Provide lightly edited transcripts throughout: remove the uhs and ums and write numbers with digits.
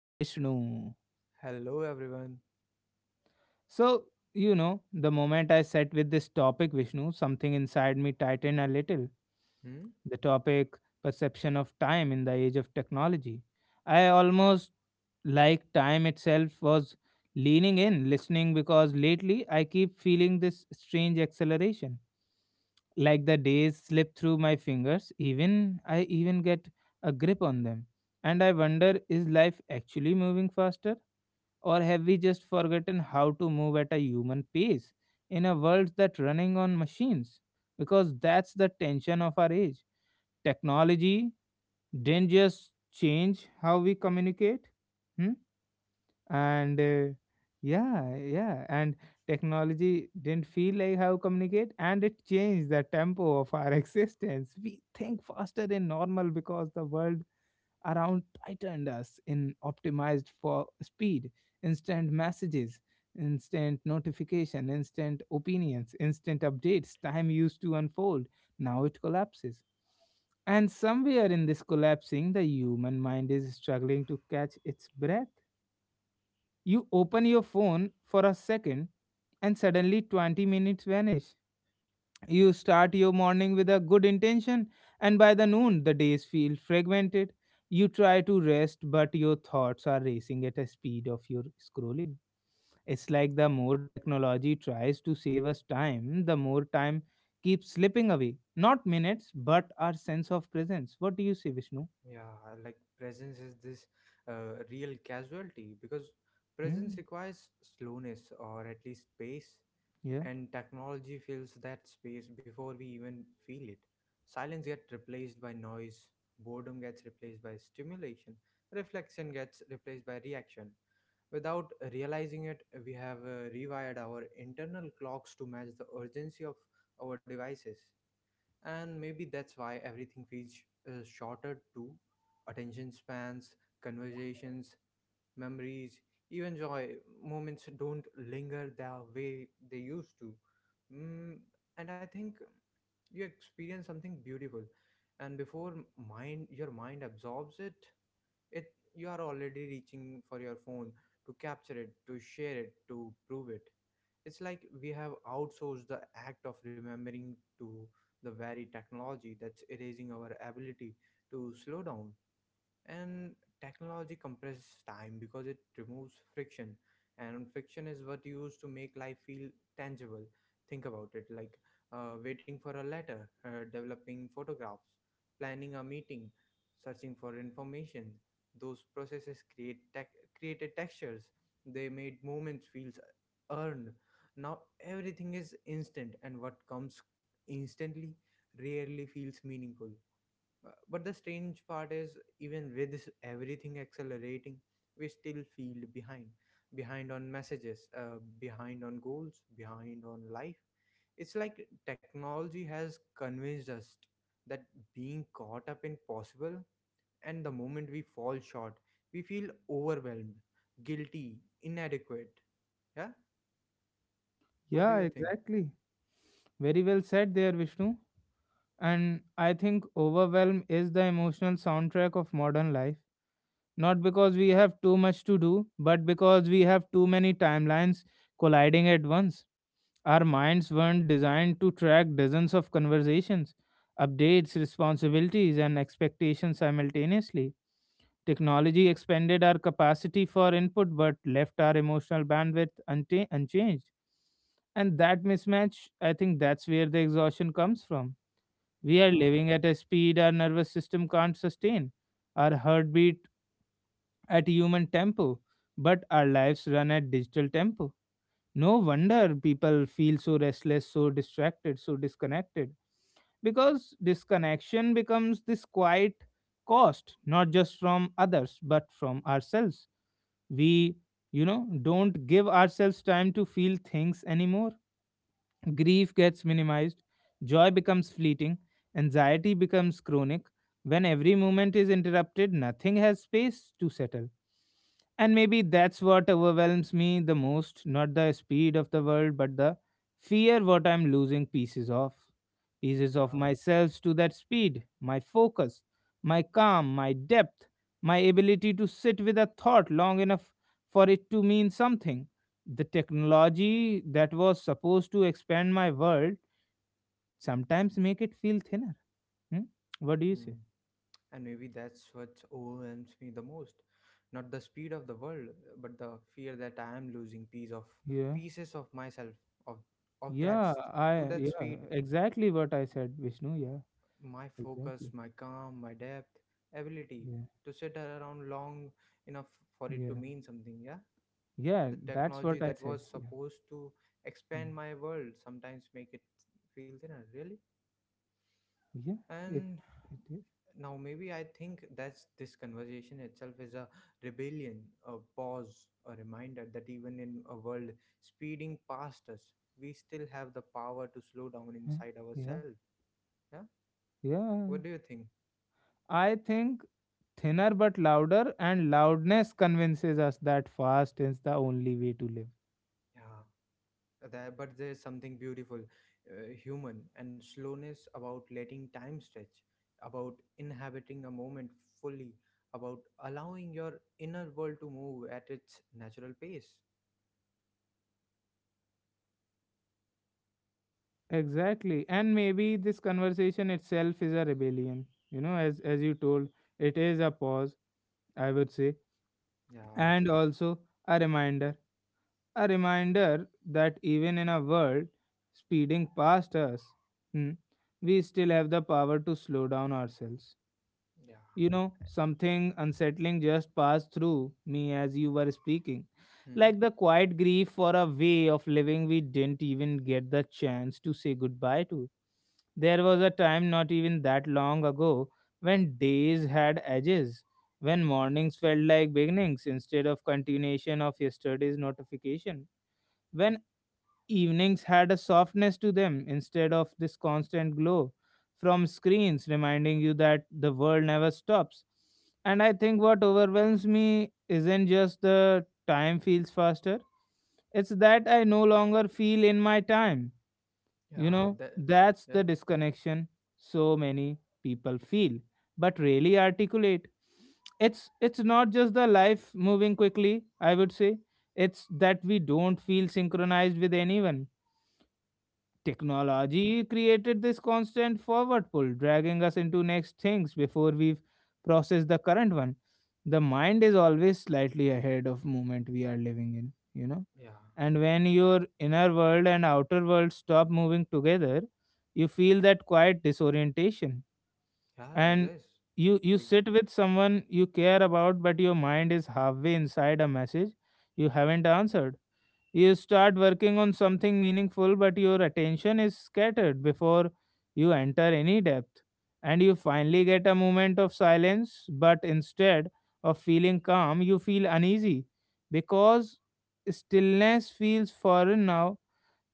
Vishnu. Hello, everyone. So, the moment I sat with this topic, Vishnu, something inside me tightened a little. Hmm? The topic, perception of time in the age of technology. I almost like time itself was leaning in, listening, because lately I keep feeling this strange acceleration like the days slip through my fingers even I even get a grip on them. And I wonder, is life actually moving faster, or have we just forgotten how to move at a human pace in a world that running on machines? Because that's the tension of our age. Technology didn't just change how we communicate. Hmm. and Yeah, yeah, and technology didn't feel like how communicate, and it changed the tempo of our existence. We think faster than normal because the world around tightened us in optimized for speed. Instant messages, instant notification, instant opinions, instant updates. Time used to unfold, now it collapses. And somewhere in this collapsing, the human mind is struggling to catch its breath. You open your phone for a second and suddenly 20 minutes vanish. You start your morning with a good intention, and by the noon, the days feel fragmented. You try to rest, but your thoughts are racing at a speed of your scrolling. It's like the more technology tries to save us time, the more time keeps slipping away. Not minutes, but our sense of presence. What do you say, Y- Vishnu? Yeah, like presence is this real casualty because presence Hmm. requires slowness or at least pace, Yeah. and technology fills that space before we even feel it. Silence gets replaced by noise, boredom gets replaced by stimulation, reflection gets replaced by reaction. Without realizing it, we have rewired our internal clocks to match the urgency of our devices. And maybe that's why everything feels shorter too: attention spans, conversations, memories, even joy. Moments don't linger the way they used to. mm, and I think you experience something beautiful, and before mind your mind absorbs it, you are already reaching for your phone, to capture it, to share it, to prove it. It's like we have outsourced the act of remembering to the very technology that's erasing our ability to slow down. And technology compresses time because it removes friction, and friction is what you use to make life feel tangible. Think about it, like, waiting for a letter, developing photographs, planning a meeting, searching for information. Those processes created textures. They made moments feels earned. Now everything is instant, and what comes instantly rarely feels meaningful. But the strange part is, even with this everything accelerating, we still feel behind. Behind on messages, behind on goals, behind on life. It's like technology has convinced us that being caught up in possible, and the moment we fall short, we feel overwhelmed, guilty, inadequate. Yeah? What do Yeah, you think? exactly. Very well said there, Vishnu. And I think overwhelm is the emotional soundtrack of modern life. Not because we have too much to do, but because we have too many timelines colliding at once. Our minds weren't designed to track dozens of conversations, updates, responsibilities, and expectations simultaneously. Technology expanded our capacity for input but left our emotional bandwidth unchanged. And that mismatch, I think that's where the exhaustion comes from. We are Yeah, living at a speed our nervous system can't sustain, our heartbeat at human tempo, but our lives run at digital tempo. No wonder people feel so restless, so distracted, so disconnected. Because disconnection becomes this quiet cost, not just from others, but from ourselves. We don't give ourselves time to feel things anymore. Grief gets minimized, joy becomes fleeting, anxiety becomes chronic. When every moment is interrupted, nothing has space to settle. And maybe that's what overwhelms me the most, not the speed of the world, but the fear what I'm losing pieces of. Pieces of yeah. myself to that speed, my focus, my calm, my depth, my ability to sit with a thought long enough for it to mean something. The technology that was supposed to expand my world sometimes make it feel thinner. Hmm? What do you Hmm. say? And maybe that's what overwhelms me the most. Not the speed of the world, but the fear that I am losing Yeah. pieces of myself, of of that Yeah, s- to I that yeah, speed. exactly what I said, Vishnu. Yeah, My focus, exactly. my calm, my depth, ability Yeah, to sit around long enough for it to yeah, mean something, yeah? yeah. The That's technology what I that said. was Yeah, supposed to mm, expand my world sometimes make it feel thinner, really? yeah. It And it is. now maybe I think that's — this conversation itself is a rebellion, a pause, a reminder that even in a world speeding past us, we still have the power to slow down Huh, inside yeah, ourselves. Yeah, what yeah. do you think? I think thinner but louder, and loudness convinces us that fast is the only way to live. Yeah, that, but there's something beautiful, human and slowness about letting time stretch, about inhabiting a moment fully, about allowing your inner world to move at its natural pace. Exactly, and maybe this conversation itself is a rebellion. You know, as you told, it is a pause. I would say, Yeah. and also a reminder, a reminder that even in a world speeding past us, hmm, we still have the power to slow down ourselves. Yeah. You know, something unsettling just passed through me as you were speaking. Hmm. Like the quiet grief for a way of living we didn't even get the chance to say goodbye to. There was a time not even that long ago when days had edges, when mornings felt like beginnings instead of continuation of yesterday's notification, when evenings had a softness to them instead of this constant glow from screens, reminding you that the world never stops. And I think what overwhelms me isn't just the time feels faster, it's that I no longer feel in my time. You Yeah. know, That. that's That. the disconnection so many people feel, but really articulate. It's not just the life moving quickly, I would say. It's that we don't feel synchronized with anyone. Technology created this constant forward pull, dragging us into next things before we've processed the current one. The mind is always slightly ahead of moment we are living in, you know. Yeah. And when your inner world and outer world stop moving together, you feel that quiet disorientation. Yeah. And Yes. you Ex- sit with someone you care about, but your mind is halfway inside a message you haven't answered. You start working on something meaningful, but your attention is scattered before you enter any depth. And you finally get a moment of silence, but instead of feeling calm, you feel uneasy because stillness feels foreign now.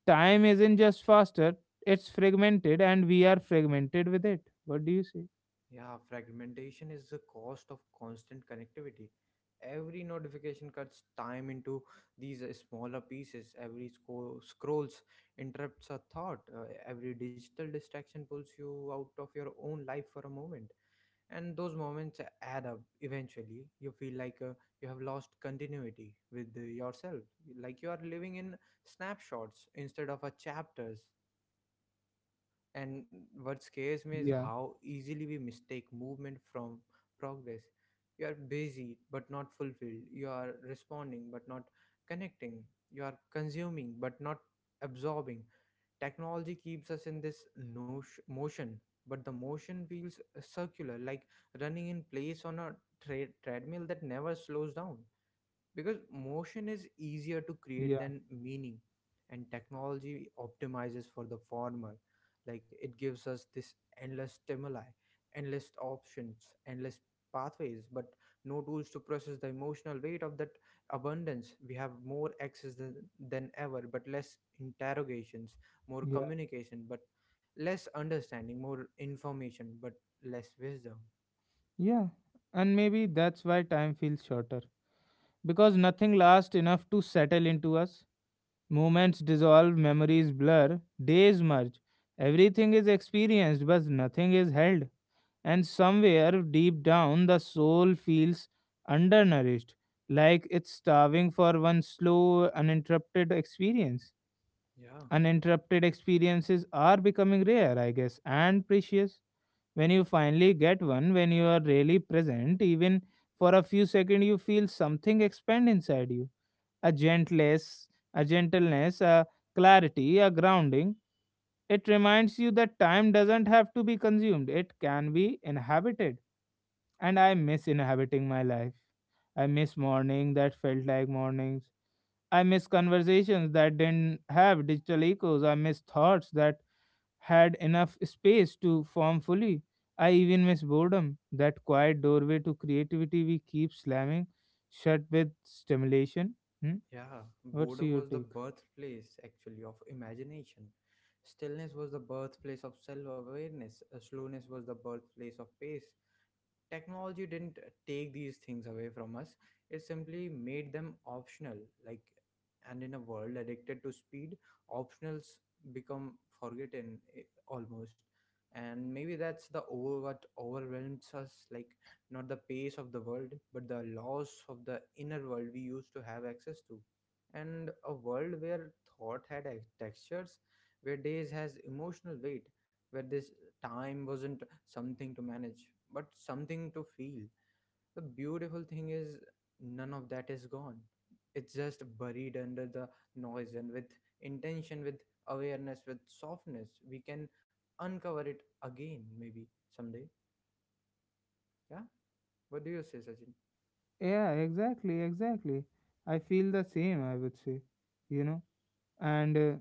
Time isn't just faster, it's fragmented, and we are fragmented with it. What do you say? Yeah. Fragmentation is the cost of constant connectivity. Every notification cuts time into these smaller pieces. Every scrolls interrupts a thought. Every digital distraction pulls you out of your own life for a moment. And those moments add up. Eventually, you feel like you have lost continuity with yourself. Like you are living in snapshots instead of a chapters. And what scares me is Yeah, how easily we mistake movement from progress. You are busy but not fulfilled. You are responding but not connecting. You are consuming but not absorbing. Technology keeps us in this motion, but the motion feels circular, like running in place on a treadmill that never slows down, because motion is easier to create yeah, than meaning. And technology optimizes for the former. Like, it gives us this endless stimuli, endless options, endless pathways, but no tools to process the emotional weight of that abundance. We have more access than ever, but less interrogations, more yeah, communication but less understanding, more information but less wisdom. yeah. And maybe that's why time feels shorter because nothing lasts enough to settle into us. Moments dissolve, memories blur, days merge. Everything is experienced, but nothing is held. And somewhere deep down, the soul feels undernourished, like it's starving for one slow, uninterrupted experience. Yeah. Uninterrupted experiences are becoming rare, I guess, and precious. When you finally get one, when you are really present, even for a few seconds, you feel something expand inside you, a gentleness, a clarity, a grounding. It reminds you that time doesn't have to be consumed; it can be inhabited. And I miss inhabiting my life. I miss morning that felt like mornings. I miss conversations that didn't have digital echoes. I miss thoughts that had enough space to form fully. I even miss boredom, that quiet doorway to creativity we keep slamming shut with stimulation. Hmm? Yeah, What's boredom your was the take? birthplace actually of imagination. Stillness was the birthplace of self awareness. Slowness was the birthplace of pace. Technology didn't take these things away from us, it simply made them optional. Like, and in a world addicted to speed, optionals become forgotten, almost. And maybe that's the over what overwhelms us, like not the pace of the world but the loss of the inner world we used to have access to. And a world where thought had textures, where days has emotional weight, where this time wasn't something to manage, but something to feel. The beautiful thing is, none of that is gone. It's just buried under the noise, and with intention, with awareness, with softness, we can uncover it again, maybe someday. Yeah, what do you say, Sachin? Yeah, exactly, exactly. I feel the same, I would say, you know. And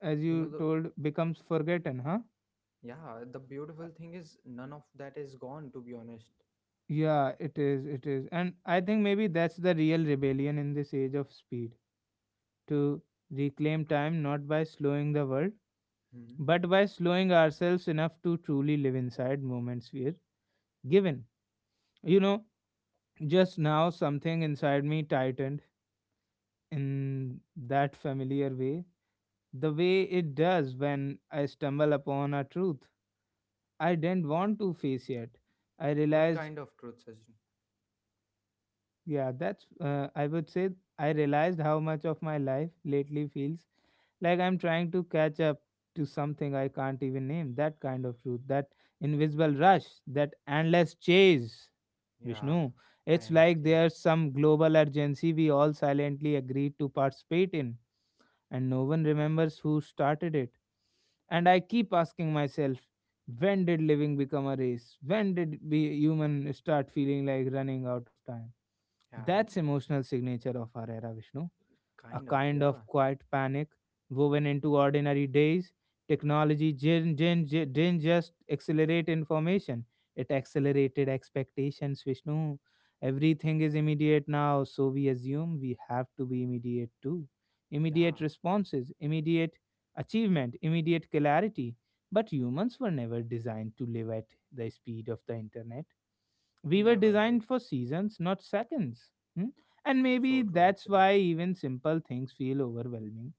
As You know, you told, becomes forgotten, huh? The beautiful Uh, thing is, none of that is gone, to be honest. Yeah, it is, it is. And I think maybe that's the real rebellion in this age of speed, to reclaim time not by slowing the world, Hmm. but by slowing ourselves enough to truly live inside moments we're given. You know, just now something inside me tightened in that familiar way, the way it does when I stumble upon a truth I didn't want to face yet. I Like, what realized, kind of truth, Sachin? yeah, that's, I would say, I realized how much of my life lately feels like I'm trying to catch up to something I can't even name. That kind of truth, that invisible rush, that endless chase, Yeah, Vishnu. I It's like understand. there's some global urgency we all silently agreed to participate in, and no one remembers who started it. And I keep asking myself, when did living become a race? When did we human start feeling like running out of time? Yeah, That's emotional signature of our era, Vishnu, a kind of, kind yeah. of quiet panic woven into ordinary days. Technology didn't just accelerate information, it accelerated expectations, Vishnu. Everything is immediate now, so we assume we have to be immediate too. Immediate Yeah, responses, immediate achievement, immediate clarity. But humans were never designed to live at the speed of the internet. We were never did. designed for seasons, not seconds. Hmm. And So maybe true, that's actually. why even simple things feel overwhelming.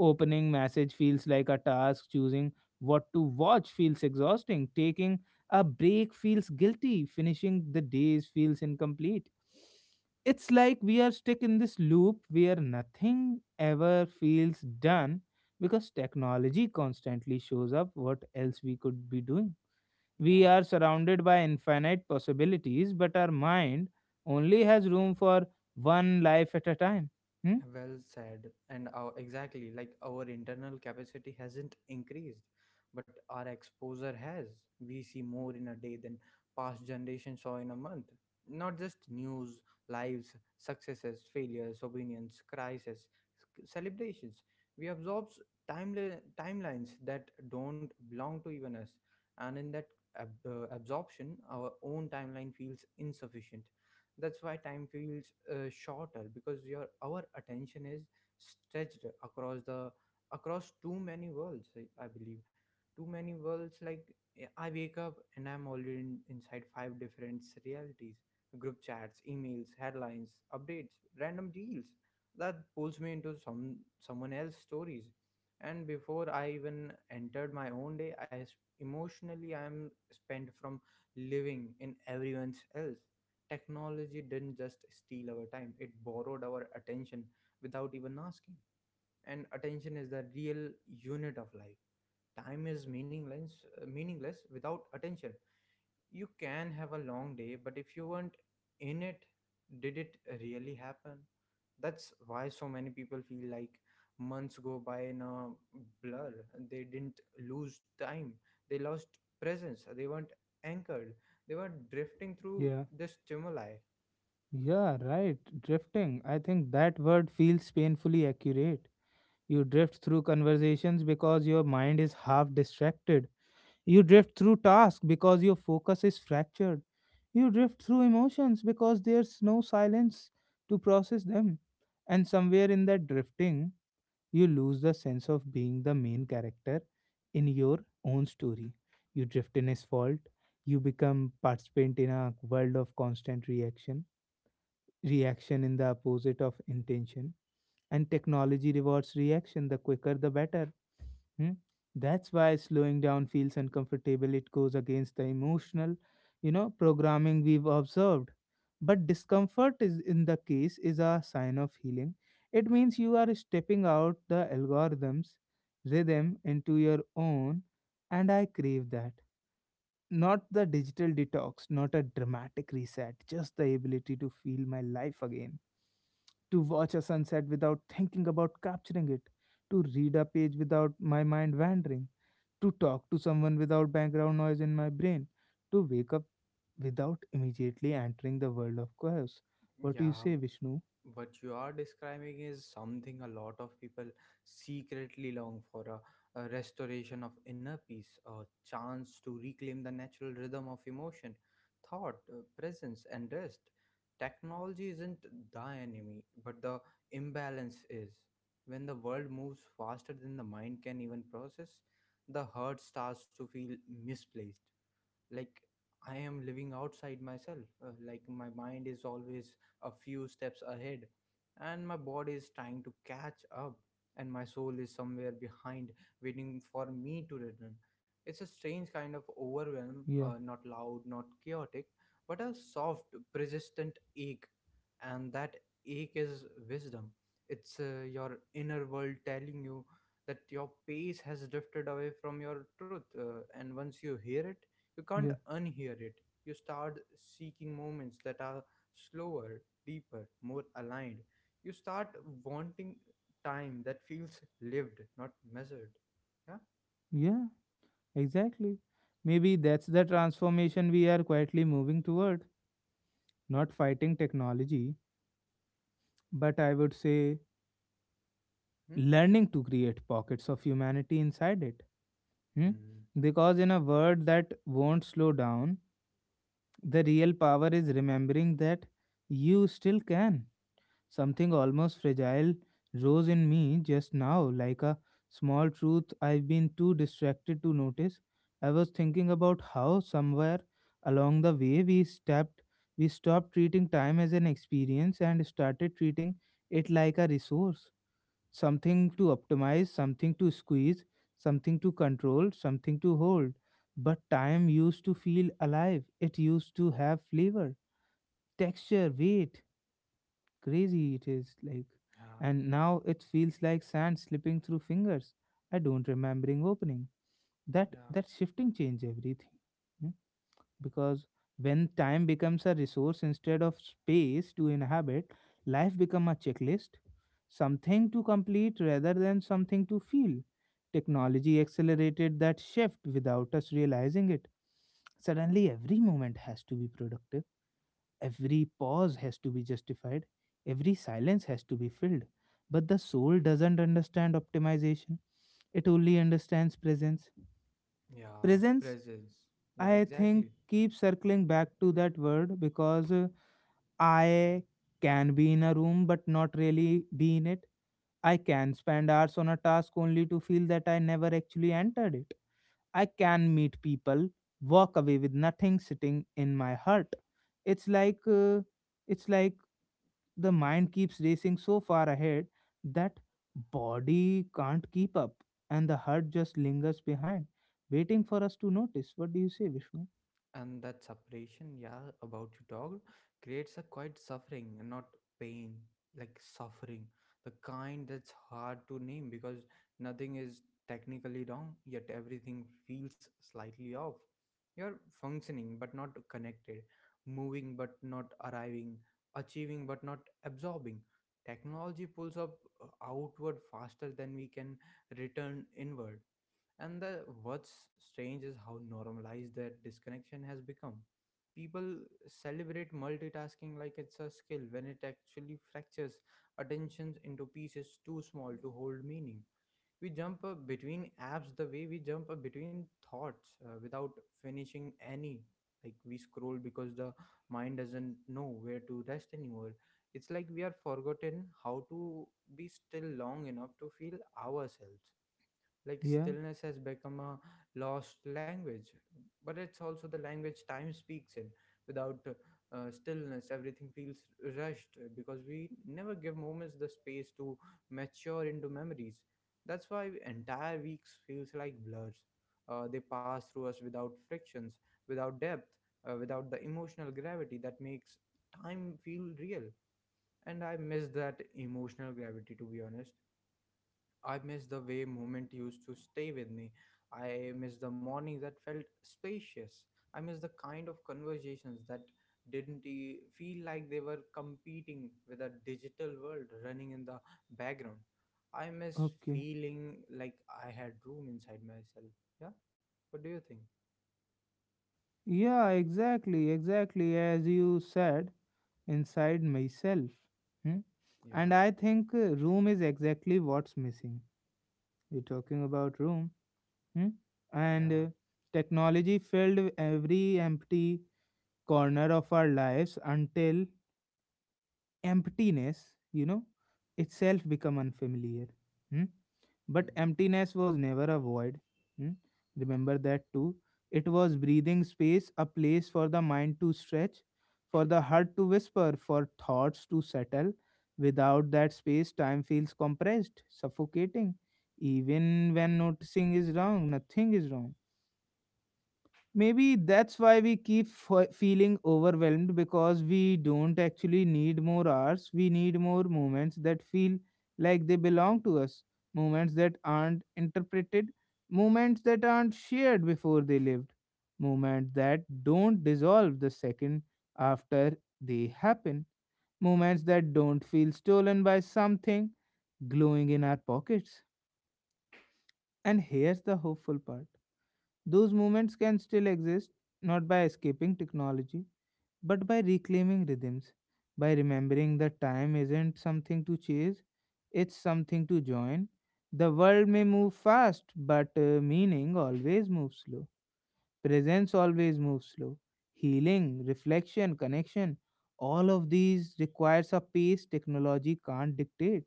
Opening message feels like a task, choosing what to watch feels exhausting, taking a break feels guilty, finishing the days feels incomplete. It's like we are stuck in this loop where nothing ever feels done because technology constantly shows up what else we could be doing. We Yeah, are surrounded by infinite possibilities, but our mind only has room for one life at a time. Hmm? well said. Exactly, like our internal capacity hasn't increased, but our exposure has. We see more in a day than past generations saw in a month. Not just news, lives, successes, failures, opinions, crises, celebrations. We absorb timelines that don't belong to even us, and in that absorption, our own timeline feels insufficient. That's why time feels shorter, because your our attention is stretched across too many worlds, I believe. Too many worlds, like, I wake up and I'm already inside five different realities: group chats, emails, headlines, updates, random deals that pulls me into someone else's stories. And before I even entered my own day, emotionally I am spent from living in everyone's else. Technology didn't just steal our time, it borrowed our attention without even asking. And attention is the real unit of life. Time is meaningless, meaningless without attention. You can have a long day, but if you weren't in it, did it really happen? That's why so many people feel like months go by in a blur. They didn't lose time, they lost presence. They weren't anchored, they were drifting through Yeah. the stimuli. Yeah, right. Drifting. I think that word feels painfully accurate. You drift through conversations because your mind is half distracted. You drift through tasks because your focus is fractured. You drift through emotions because there's no silence to process them. And somewhere in that drifting, you lose the sense of being the main character in your own story. You drift in asphalt, you become participant in a world of constant reaction, reaction in the opposite of intention. And technology rewards reaction, the quicker the better. Hmm? That's why slowing down feels uncomfortable. It goes against the emotional, programming we've observed. But discomfort is in the case is a sign of healing. It means you are stepping out the algorithm's rhythm into your own, and I crave that. Not the digital detox, not a dramatic reset, just the ability to feel my life again. To watch a sunset without thinking about capturing it. To read a page without my mind wandering. To talk to someone without background noise in my brain. To wake up without immediately entering the world of chaos. What do you Yeah, say, Vishnu? what you are describing is something a lot of people secretly long for, a restoration of inner peace, a chance to reclaim the natural rhythm of emotion, thought, presence, and rest. Technology isn't the enemy, but the imbalance is. When the world moves faster than the mind can even process, the heart starts to feel misplaced, like I am living outside myself, like my mind is always a few steps ahead, and my body is trying to catch up, and my soul is somewhere behind, waiting for me to return. It's a strange kind of overwhelm, Yeah, not loud, not chaotic, but a soft persistent ache. And that ache is wisdom. It's your inner world telling you that your pace has drifted away from your truth. And once you hear it, you can't yeah, unhear it. You start seeking moments that are slower, deeper, more aligned. You start wanting time that feels lived, not measured. Yeah? yeah, exactly. Maybe that's the transformation we are quietly moving toward. Not fighting technology, but I would say Hmm? learning to create pockets of humanity inside it. Hmm? Hmm. Because, in a world that won't slow down, the real power is remembering that you still can. Something almost fragile rose in me just now, like a small truth I've been too distracted to notice. I was thinking about how somewhere along the way we stopped treating time as an experience and started treating it like a resource, something to optimize, something to squeeze, something to control, something to hold. But time used to feel alive, it used to have flavor, texture, weight. Crazy it is like. Yeah. And now it feels like sand slipping through fingers. I don't remembering opening. That Yeah. that shifting change everything. Hmm? Because when time becomes a resource instead of space to inhabit, life become a checklist, something to complete rather than something to feel. Technology accelerated that shift without us realizing it. Suddenly every moment has to be productive, every pause has to be justified, every silence has to be filled, but the soul doesn't understand optimization, it only understands presence. Yeah. Presence. Presence. Yeah, I think exactly. keep circling back to that word because I can be in a room but not really be in it. I can spend hours on a task only to feel that I never actually entered it. I can meet people, walk away with nothing sitting in my heart. It's like uh, it's like the mind keeps racing so far ahead that body can't keep up, and the heart just lingers behind waiting for us to notice. What do you say, Vishnu? And that separation, yeah, about you talked creates a quite suffering, and not pain, like suffering, the kind that's hard to name, because nothing is technically wrong, yet everything feels slightly off. You're functioning but not connected, moving but not arriving, achieving but not absorbing. Technology pulls up uh, outward faster than we can return inward. And the What's strange is how normalized that disconnection has become. People celebrate multitasking like it's a skill, when it actually fractures attention into pieces too small to hold meaning. We jump between apps the way we jump between thoughts, without finishing any. Like, we scroll because the mind doesn't know where to rest anymore. It's like we are forgotten how to be still long enough to feel ourselves, like Yeah, stillness has become a lost language. But it's also the language time speaks in. Without stillness, everything feels rushed, because we never give moments the space to mature into memories. That's why entire weeks feels like blurs. They pass through us without frictions, without depth, without the emotional gravity that makes time feel real. And I miss that emotional gravity, to be honest. I miss the way movement used to stay with me. I miss the morning that felt spacious. I miss the kind of conversations that didn't feel like they were competing with a digital world running in the background. I miss okay. feeling like I had room inside myself. Yeah. What do you think? Yeah, exactly, exactly, as you said, inside myself. Hmm? Yeah. And I think room is exactly what's missing. You're talking about room. Hmm? And Yeah. Technology filled every empty corner of our lives until emptiness, you know, itself become unfamiliar. Hmm? Hmm. But emptiness was never a void. Hmm? Remember that too. It was breathing space, a place for the mind to stretch, for the heart to whisper, for thoughts to settle. Without that space, time feels compressed, suffocating. Even when noticing is wrong, nothing is wrong. Maybe that's why we keep feeling overwhelmed, because we don't actually need more hours. We need more moments that feel like they belong to us, moments that aren't interpreted, moments that aren't shared before they lived, moments that don't dissolve the second after they happen, moments that don't feel stolen by something glowing in our pockets. And here's the hopeful part, those moments can still exist, not by escaping technology, but by reclaiming rhythms, by remembering that time isn't something to chase, it's something to join. The world may move fast, but meaning always moves slow. Presence always moves slow. Healing, reflection, connection, all of these requires a pace technology can't dictate.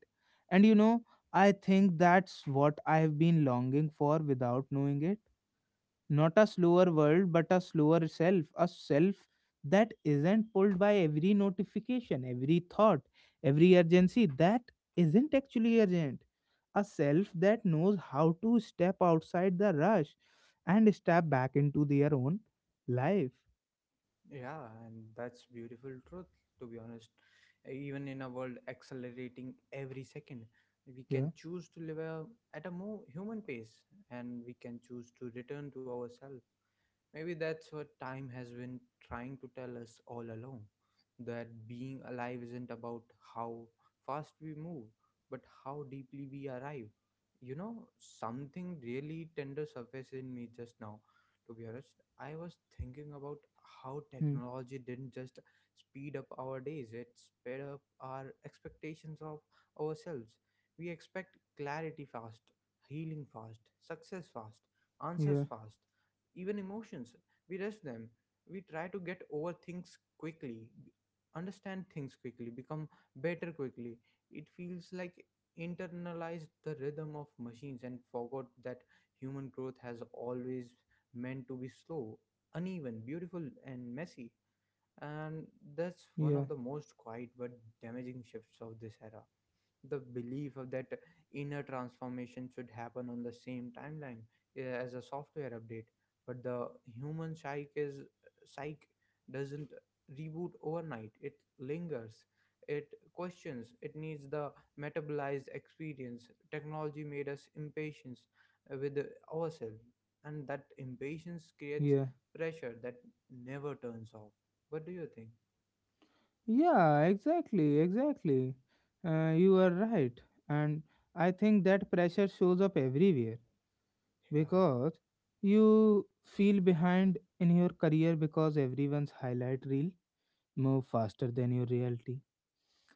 And you know, I think that's what I have been longing for without knowing it, not a slower world, but a slower self, a self that isn't pulled by every notification, every thought, every urgency that isn't actually urgent. A self that knows how to step outside the rush and step back into their own life. Yeah, and that's beautiful truth, to be honest. Even in a world accelerating every second, we Yeah. can choose to live at a more human pace, and we can choose to return to ourselves. Maybe that's what time has been trying to tell us all along, that being alive isn't about how fast we move, but how deeply we arrive. You know, something really tender surfaced in me just now. To be honest, I was thinking about how Hmm. technology didn't just speed up our days, it sped up our expectations of ourselves. We expect clarity fast, healing fast, success fast, Yeah. answers fast, even emotions. We rush them. We try to get over things quickly, understand things quickly, become better quickly. It feels like internalized the rhythm of machines and forgot that human growth has always meant to be slow, uneven, beautiful, and messy. And that's one Yeah. of the most quiet but damaging shifts of this era, the belief of that inner transformation should happen on the same timeline, as a software update. But the human psyche is, psyche doesn't reboot overnight. It lingers, it questions, it needs the metabolized experience. Technology made us impatient with ourselves, and that impatience creates Yeah. pressure that never turns off. What do you think? Yeah, exactly, exactly. You are right. And I think that pressure shows up everywhere, Yeah, because you feel behind in your career because everyone's highlight reel move faster than your reality.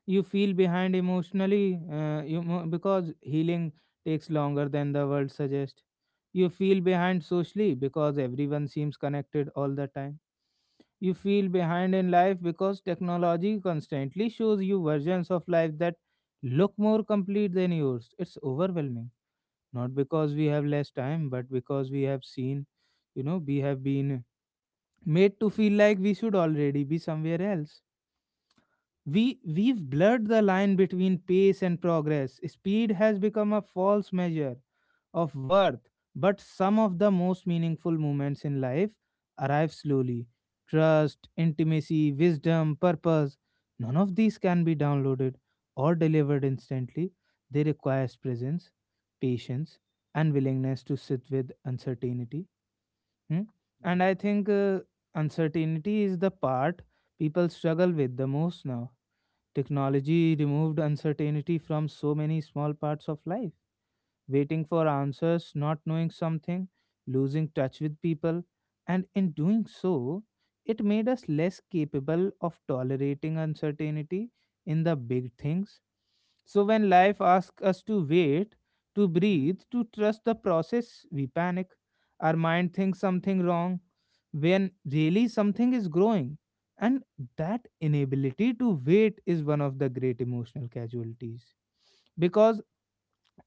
You feel behind emotionally, because healing takes longer than the world suggests. You feel behind socially because everyone seems connected all the time. You feel behind in life because technology constantly shows you versions of life that look more complete than yours. It's overwhelming, not because we have less time, but because we have seen you know we have been made to feel like we should already be somewhere else. We've blurred the line between pace and progress. Speed has become a false measure of worth, but some of the most meaningful moments in life arrive slowly. Trust, intimacy, wisdom, purpose, none of these can be downloaded or delivered instantly. They require presence, patience, and willingness to sit with uncertainty. Hmm? And yeah. I think uncertainty is the part people struggle with the most now. Technology removed uncertainty from so many small parts of life, waiting for answers, not knowing something, losing touch with people, and in doing so, it made us less capable of tolerating uncertainty in the big things. So, when life asks us to wait, to Hmm. breathe, to trust the process, we panic. Our mind thinks something wrong when really something is growing. And that inability to wait is one of the great emotional casualties, because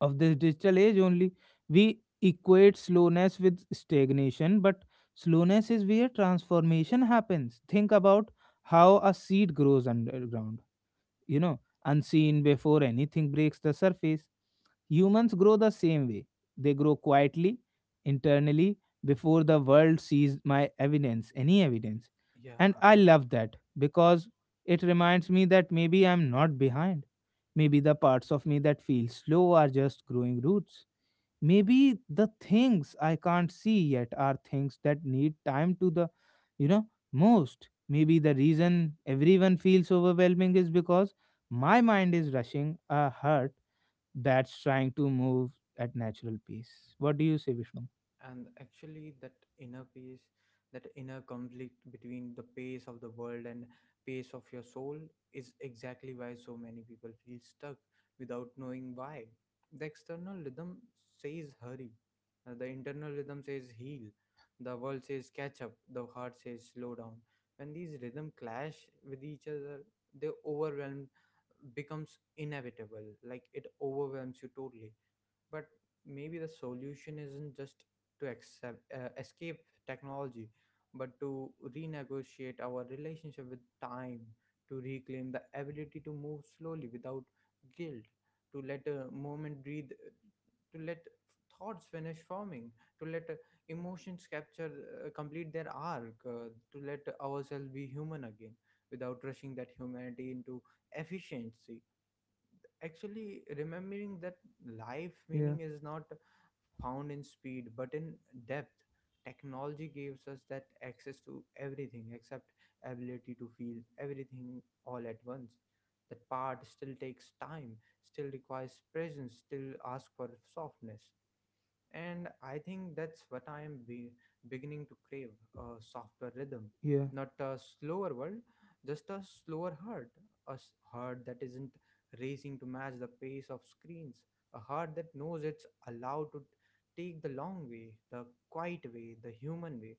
of this digital age only. We equate slowness with stagnation, but slowness is where transformation happens. Think about how a seed grows underground, you know, unseen before anything breaks the surface. Humans grow the same way. They grow quietly, internally, before the world sees my evidence, any evidence. Yeah. And I i love that because it reminds me that maybe I'm not behind. Maybe the parts of me that feel slow are just growing roots. Maybe the things I can't see yet are things that need time to the, you know, most. Maybe the reason everyone feels overwhelming is because my mind is rushing a heart that's trying to move at natural pace. What do you say, Vishnu? and actually that inner peace, that inner conflict between the pace of the world and pace of your soul is exactly why so many people feel stuck without knowing why. The external rhythm says hurry, the internal rhythm says heal. The world says catch up, the heart says slow down. When these rhythm clash with each other, they overwhelm, becomes inevitable. Like it overwhelms you totally. But maybe the solution isn't just to accept, escape technology, but to renegotiate our relationship with time. To reclaim the ability to move slowly without guilt, to let a moment breathe, to let thoughts finish forming, to let emotions capture, complete their arc, to let ourselves be human again without rushing that humanity into efficiency. Actually remembering that life Yeah, meaning is not found in speed but in depth. Technology gives us that access to everything except ability to feel everything all at once. That part still takes time, still requires presence, still asks for softness. And I think that's what beginning to crave, a softer rhythm, yeah, not a slower world, just a slower heart, a heart that isn't racing to match the pace of screens, a heart that knows it's allowed to take the long way, the quiet way, the human way.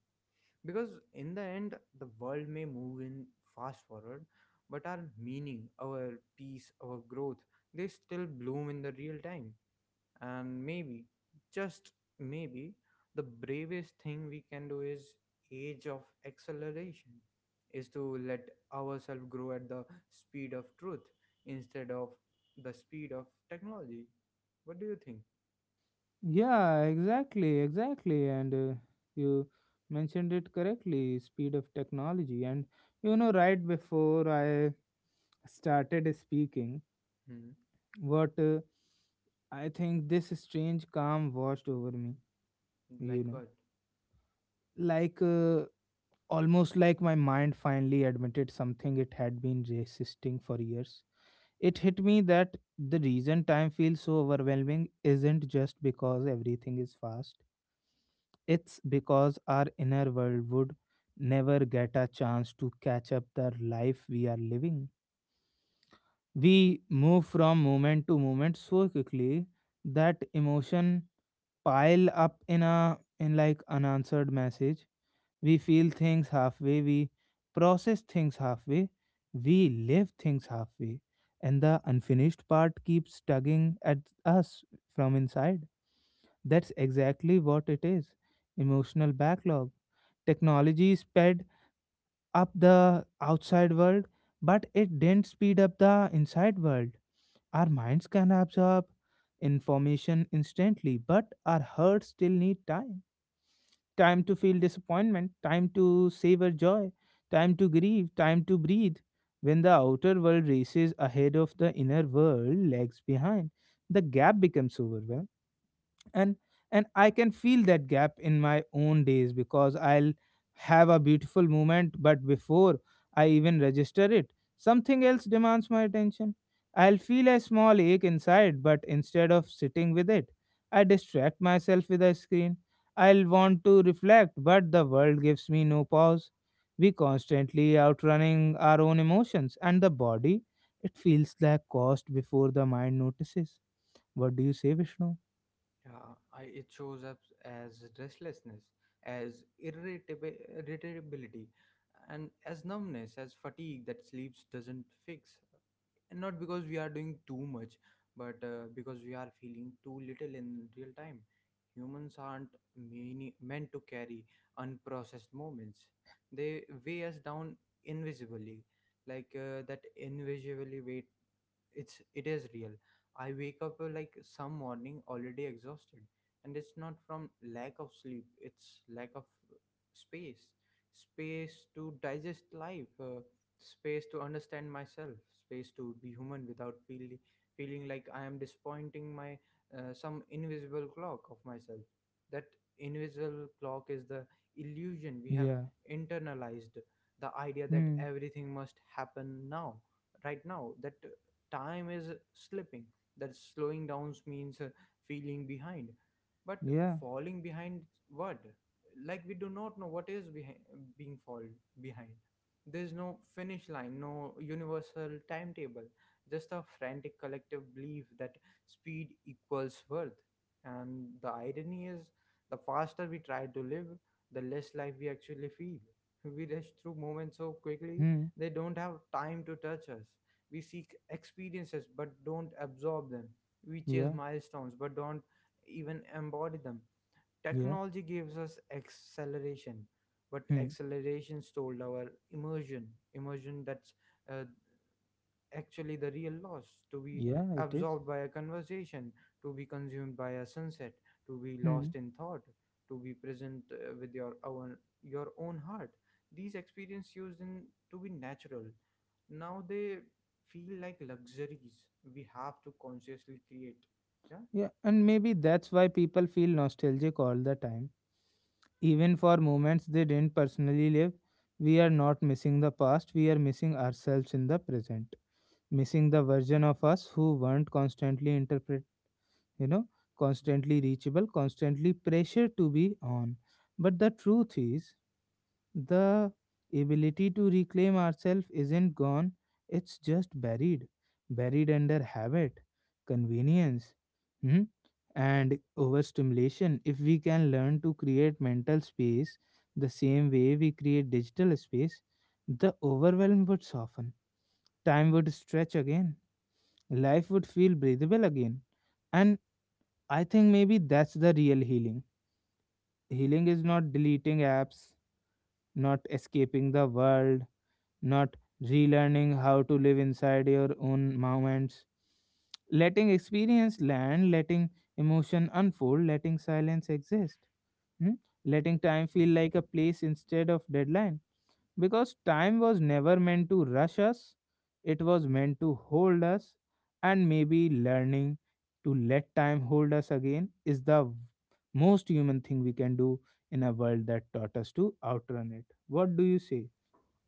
Because in the end, the world may move in fast forward, but our meaning, our peace, our growth, they still bloom in the real time. And maybe, just maybe, the bravest thing we can do is age of acceleration is to let ourselves grow at the speed of truth instead of the speed of technology. What do you think? yeah, exactly, exactly. And you mentioned it correctly, speed of technology. And you know, right before I started speaking, Hmm? what I think this strange calm washed over me, you Like know, what? like almost like my mind finally admitted something it had been resisting for years. It hit me that the reason time feels so overwhelming isn't just because everything is fast, it's because our inner world would never get a chance to catch up the life we are living. We move from moment to moment so quickly that emotion pile up in a in like unanswered message. We feel things halfway, we process things halfway, we live things halfway. And the unfinished part keeps tugging at us from inside. That's exactly what it is. Emotional backlog. Technology sped up the outside world, but it didn't speed up the inside world. Our minds can absorb information instantly, but our hearts still need time, time to feel disappointment, time to savor joy, time to grieve, time to breathe. When the outer world races ahead of the inner world, lags behind, the gap becomes overwhelming. and and I can feel that gap in my own days, because I'll have a beautiful moment, but before I even register it, something else demands my attention. I'll feel a small ache inside, but instead of sitting with it, I distract myself with a screen. I'll want to reflect, but the world gives me no pause. We constantly outrunning our own emotions, and the body, it feels like cost before the mind notices. What do you say, Vishnu? Yeah. It shows up as restlessness, as irritability, and as numbness, as fatigue that sleeps doesn't fix. And not because we are doing too much but because we are feeling too little in real time. Humans aren't meant to carry unprocessed moments. They weigh us down invisibly, like that invisibly weight. It is real. I wake up like some morning already exhausted, and it's not from lack of sleep, it's lack of space. Space to digest life, space to understand myself, space to be human without feeling like I am disappointing my, some invisible clock of myself. That invisible clock is the illusion we have Yeah. internalized, the idea that Hmm. everything must happen now, right now, that time is slipping. That slowing down means feeling behind. But Yeah. falling behind what? Like we do not know what is behind, being fall behind. There's no finish line, no universal timetable, just a frantic collective belief that speed equals worth. And the irony is, the faster we try to live, the less life we actually feel. We rush through moments so quickly, Hmm. they don't have time to touch us. We seek experiences but don't absorb them. We chase Yeah. milestones but don't even embody them. Yeah. Technology gives us acceleration, but Hmm. acceleration stole our immersion. Immersion, that's uh, actually the real loss, to be Yeah. It is. absorbed by a conversation, to be consumed by a sunset, to be Hmm. lost in thought, to be present with your own heart. These experiences used in to be natural. Now they feel like luxuries we have to consciously create. Yeah. Yeah. And maybe that's why people feel nostalgic all the time, even for moments they didn't personally live. We are not missing the past. We are missing ourselves in the present. Missing the version of us who weren't constantly interpret. You know, constantly reachable, constantly pressure to be on. But the truth is, the ability to reclaim ourselves isn't gone, it's just buried. Buried under habit, convenience, hmm? And overstimulation. If we can learn to create mental space the same way we create digital space, the overwhelm would soften. Time would stretch again. Life would feel breathable again. And I think maybe that's the real healing. Healing is not deleting apps, not escaping the world, not relearning how to live inside your own moments, letting experience land, letting emotion unfold, letting silence exist, hmm? Letting time feel like a place instead of deadline. Because time was never meant to rush us, it was meant to hold us, and maybe learning to let time hold us again is the most human thing we can do in a world that taught us to outrun it. What do you say,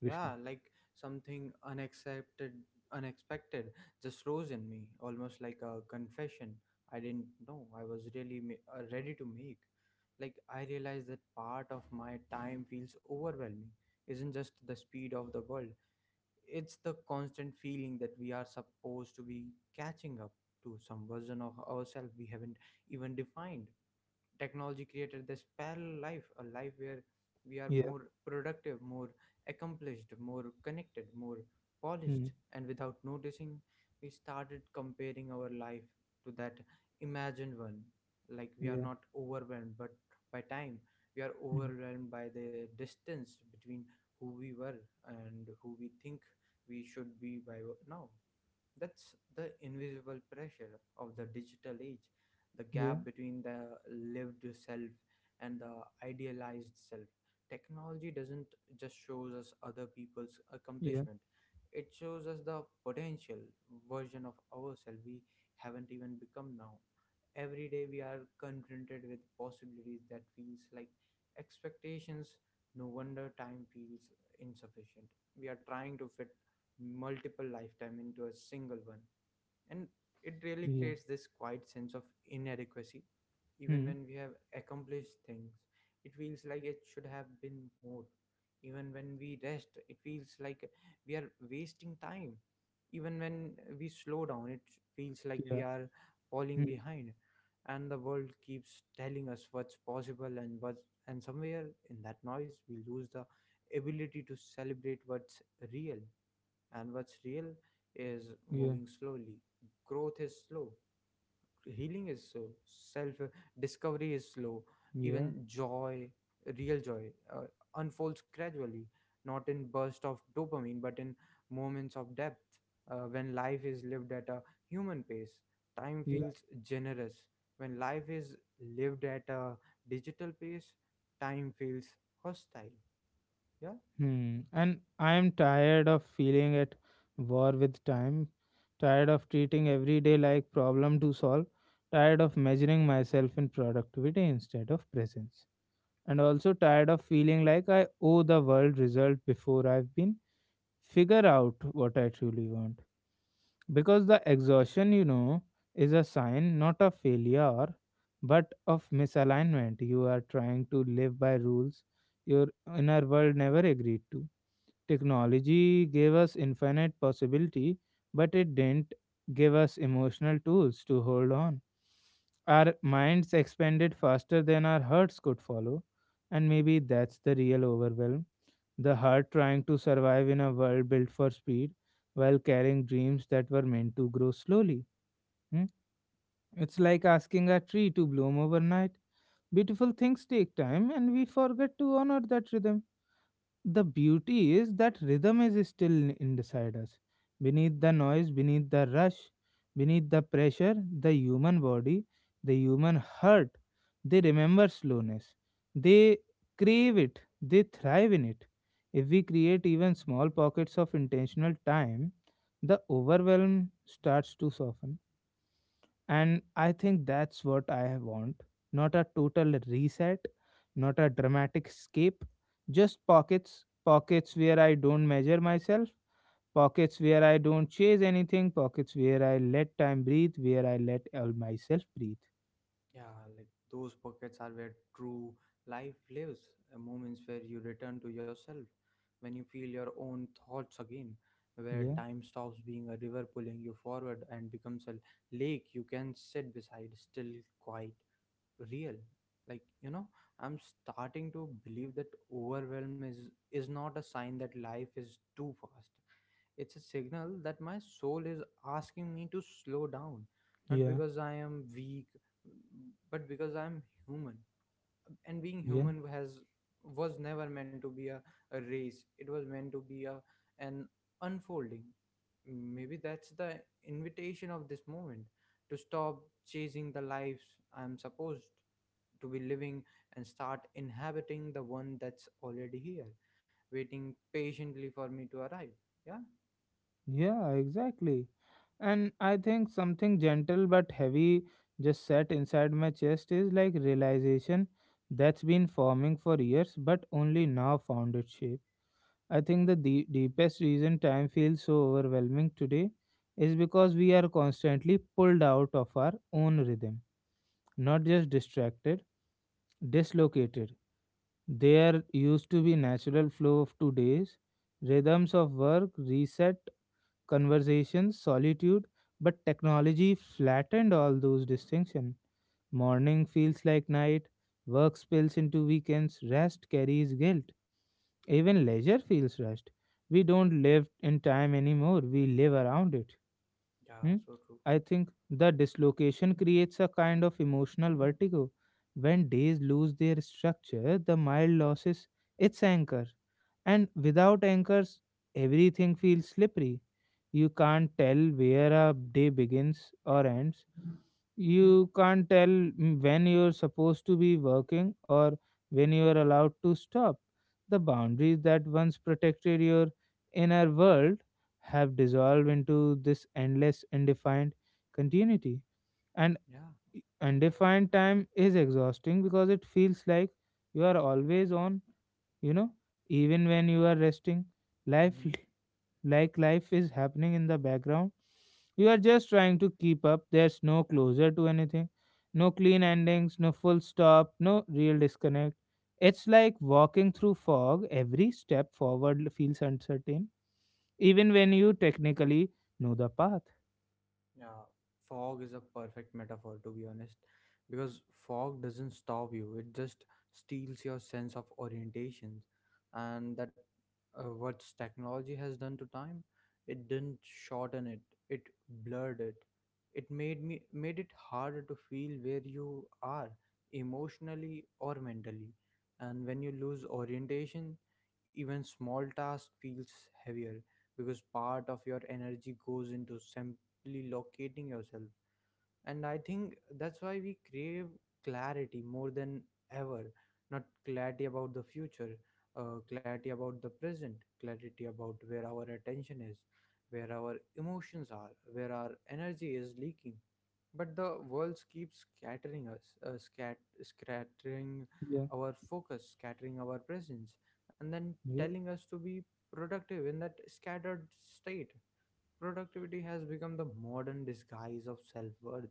Vishnu? Yeah, like something unaccepted, unexpected just rose in me, almost like a confession I didn't know I was ready to make. Like, I realized that part of my time feels overwhelming, isn't just the speed of the world, it's the constant feeling that we are supposed to be catching up to some version of ourselves we haven't even defined. Technology created this parallel life, a life where we are more productive, more accomplished, more connected, more Hmm. polished, and without noticing we started comparing our life to that imagined one. Like we are Yeah. not overwhelmed but by time, we are Hmm. overwhelmed by the distance between who we were and who we think we should be by now. That's the invisible pressure of the digital age, the Yeah. gap between the lived self and the idealized self. Technology doesn't just shows us other people's Yeah. accomplishment. It shows us the potential version of ourselves we haven't even become now. Every day we are confronted with possibilities that feels like expectations. No wonder time feels insufficient. We are trying to fit multiple lifetime into a single one, and it really Yeah. creates this quiet sense of inadequacy. Even Hmm. when we have accomplished things, it feels like it should have been more. Even when we rest, it feels like we are wasting time. Even when we slow down, it feels like we Yeah. are falling Hmm. behind. And the world keeps telling us what's possible and what's, and somewhere in that noise we lose the ability to celebrate what's real. And what's real is Yeah. moving slowly. Growth is slow. Healing is slow. Self, discovery is slow. Yeah. Even joy, real joy, unfolds gradually, not in burst of dopamine, but in moments of depth. When life is lived at a human pace, time Yeah. feels generous. When life is lived at a digital pace, time feels hostile. Yeah. Hmm. And I am tired of feeling at war with time, tired of treating every day like problem to solve, tired of measuring myself in productivity instead of presence. And also tired of feeling like I owe the world result before I've been figure out what I truly want. Because the exhaustion, you know, is a sign not of failure but of misalignment. You are trying to live by rules your inner world never agreed to. Technology gave us infinite possibility, but it didn't give us emotional tools to hold on. Our minds expanded faster than our hearts could follow, and maybe that's the real overwhelm, the heart trying to survive in a world built for speed while carrying dreams that were meant to grow slowly. Hmm? It's like Yeah. asking a tree to bloom overnight. Beautiful things take time, and we forget to honor that rhythm. The beauty is that rhythm is still inside us. Beneath the noise, beneath the rush, beneath the pressure, the human body, the human heart, they remember slowness. They crave it, they thrive in it. If we create even small pockets of intentional time, the overwhelm starts to soften and I think that's what I want. Not a total reset, not a dramatic escape, just pockets, pockets where I don't measure myself, pockets where I don't chase anything, pockets where I let time breathe, where I let all myself breathe. Yeah, like those pockets are where true life lives, moments where you return to yourself, when you feel your own thoughts again, where Yeah, time stops being a river pulling you forward and becomes a lake you can sit beside, still quite real. Like, you know, I'm starting to believe that overwhelm is not a sign that life is too fast. It's a signal that my soul is asking me to slow down, not yeah, because I am weak, but because I'm human. And being yeah, human has was never meant to be a race. It was meant to be a an unfolding. Maybe that's the invitation of this moment, to stop chasing the lives I'm supposed to be living and start inhabiting the one that's already here, waiting patiently for me to arrive. Yeah. yeah, exactly. And I think something gentle but heavy just set inside my chest is like realization that's been forming for years but only now found its shape. I think the deepest reason time feels so overwhelming today is because we are constantly pulled out of our own rhythm, not just distracted, dislocated. There used to be natural flow of 2 days, rhythms of work, reset, conversations, solitude, but technology flattened all those distinctions. Morning feels like night, work spills into weekends, rest carries guilt. Even leisure feels rushed. We don't live in time anymore, we live around it. Yeah, Hmm? so true. I think the dislocation creates a kind of emotional vertigo. When days lose their structure, the mile loses its anchor. And without anchors, everything feels slippery. You can't tell where a day begins or ends, you can't tell, when you're supposed to be working or when you are allowed to stop. The boundaries that once protected your inner world have dissolved into this endless, undefined continuity. And Yeah. undefined time is exhausting because it feels like you are always on, you know, even when you are resting. Life, Mhm. like life is happening in the background. You are just trying to keep up. There's no closure to anything, no clean endings, no full stop, no real disconnect. It's like walking through fog. Every step forward feels uncertain, even when you technically know the path. Yeah, fog is a perfect metaphor, to be honest, because fog doesn't stop you, it just steals your sense of orientation. And that what technology has done to time, it didn't shorten it, it blurred it. It made it harder to feel where you are emotionally or mentally. And when you lose orientation, even small task feels heavier because part of your energy goes into locating yourself. And I think that's why we crave clarity more than ever. Not clarity about the future, clarity about the present, clarity about where our attention is, where our emotions are, where our energy is leaking. But the world keeps scattering us, scattering Yeah, our focus, scattering our presence, and then yeah, telling us to be productive in that scattered state. Productivity has become the modern disguise of self worth.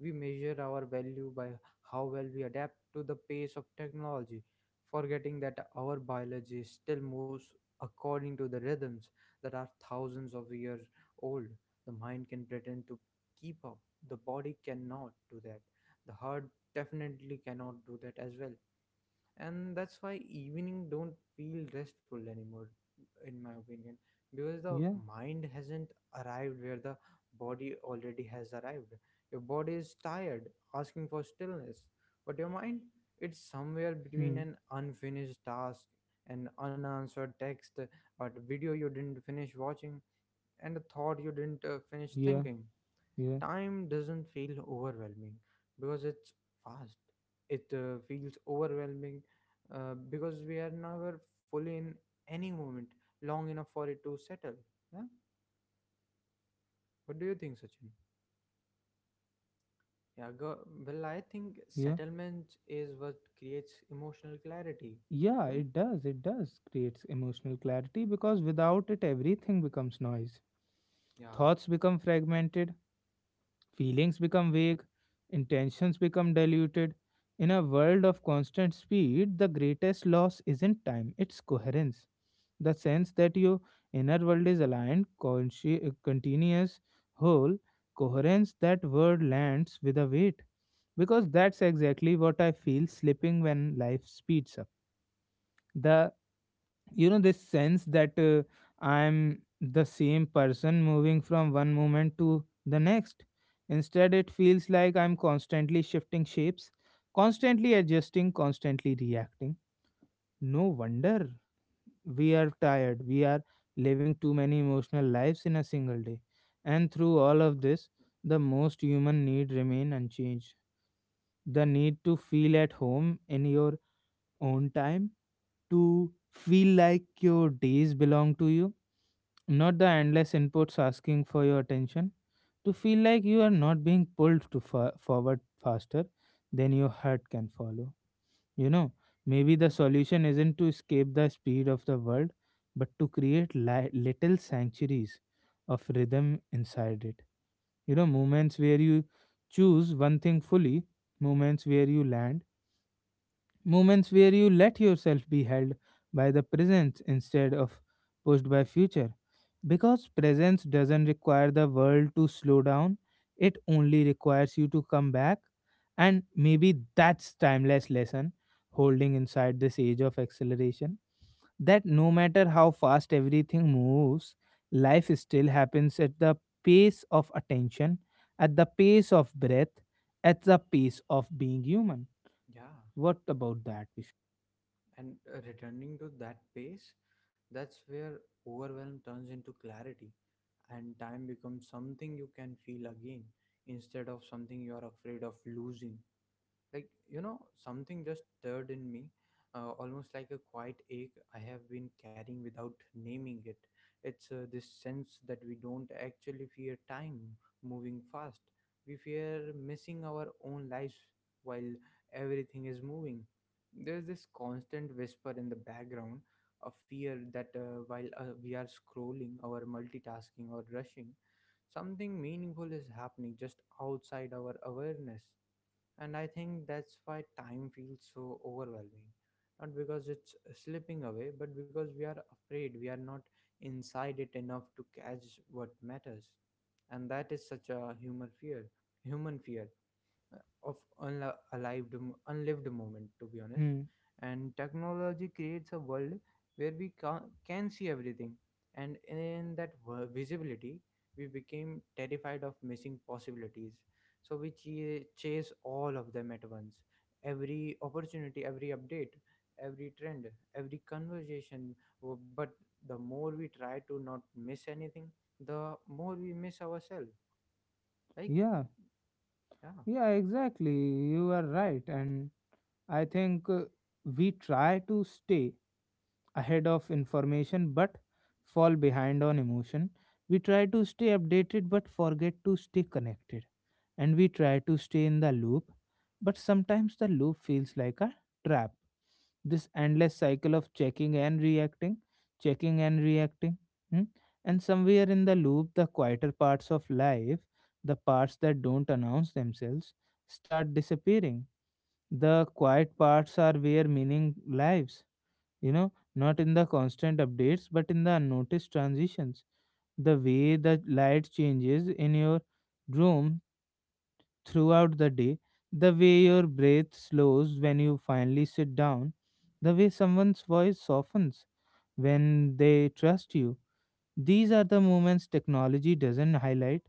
We measure our value by how well we adapt to the pace of technology, forgetting that our biology still moves according to the rhythms that are thousands of years old. The mind can pretend to keep up, the body cannot do that, the heart definitely cannot do that as well. And that's why evening don't feel restful anymore, in my opinion, because the yeah, mind hasn't arrived where the body already has arrived. Your body is tired, asking for stillness, but your mind, it's somewhere between hmm, an unfinished task, an unanswered text, or a video you didn't finish watching, and a thought you didn't finish yeah, thinking. yeah, Time doesn't feel overwhelming because it's fast, it feels overwhelming because we are never fully in any moment long enough for it to settle. Yeah, what do you think, sachin? Yeah, go, well I think yeah. settlement is what creates emotional clarity. Yeah, Yeah, it does. It does creates emotional clarity because without it, everything becomes noise. yeah. Thoughts become fragmented, feelings become vague, intentions become diluted. In a world of constant speed, the greatest loss isn't time, it's coherence. The sense that your inner world is aligned, continuous, whole, coherence, that word lands with a weight. Because that's exactly what I feel slipping when life speeds up. The, this sense that I'm the same person moving from one moment to the next. Instead it feels like I'm constantly shifting shapes, constantly adjusting, constantly reacting. No wonder we are tired, we are living too many emotional lives in a single day. And through all of this, the most human need remain unchanged, the need to feel at home in your own time, to feel like your days belong to you, not the endless inputs asking for your attention, to feel like you are not being pulled to forward faster than your heart can follow. You know, maybe the Mhm. solution isn't to escape the speed of the world, but to create little sanctuaries of rhythm inside it. You know, moments where you choose one thing fully, moments where you land, moments where you let yourself be held by the present instead of pushed by future. Because presence doesn't require the world to slow down, it only requires you to come back. And maybe that's timeless lesson holding inside this age of acceleration, that no matter how fast everything moves, life still happens at the pace of attention, at the pace of breath, at the pace of being human. Yeah, What about that, Vishal? and returning to that pace, that's where overwhelm turns into clarity and time becomes something you can feel again instead of something you are afraid of losing. Like, you know, something just stirred in me, almost like a quiet ache I have been carrying without naming it. It's this sense that we don't actually fear time moving fast, we fear missing our own lives while everything is moving. There's this constant whisper in the background, a fear that while we are scrolling or multitasking or rushing, something meaningful is happening just outside our awareness. And I think that's why time feels so overwhelming. Not because it's slipping away, but because we are afraid we are not inside it enough to catch what matters. And that is such a human fear of alive unlived moment, to be honest. Hmm. And technology creates a world where we can see everything, and in that visibility we became terrified of missing possibilities, so we chase all of them at once. Every opportunity, every update, every trend, every conversation. But the more we try to not miss anything, the more we miss ourselves, like, Yeah, yeah. yeah, exactly. You are right. And I think we try to stay ahead of information but fall behind on emotion. We try to stay updated but forget to stay connected. And we try to stay in the loop, but sometimes the loop feels like a trap. This endless cycle of checking and reacting, checking and reacting. Hmm? And somewhere in the loop, the quieter parts of life, the parts that don't announce themselves, start disappearing. The quiet parts are where meaning lives, you know, not in the constant updates, but in the unnoticed transitions. The way the light changes in your room throughout the day, the way your breath slows when you finally sit down, the way someone's voice softens when they trust you. These are the moments technology doesn't highlight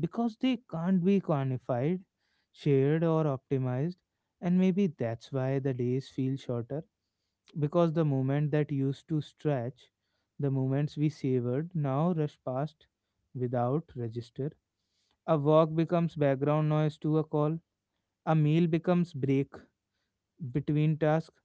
because they can't be quantified, shared, or optimized. And maybe that's why the days feel shorter, because the moment that used to stretch, the moments we savored now rush past without register. A walk becomes background noise to a call, a meal becomes break between tasks.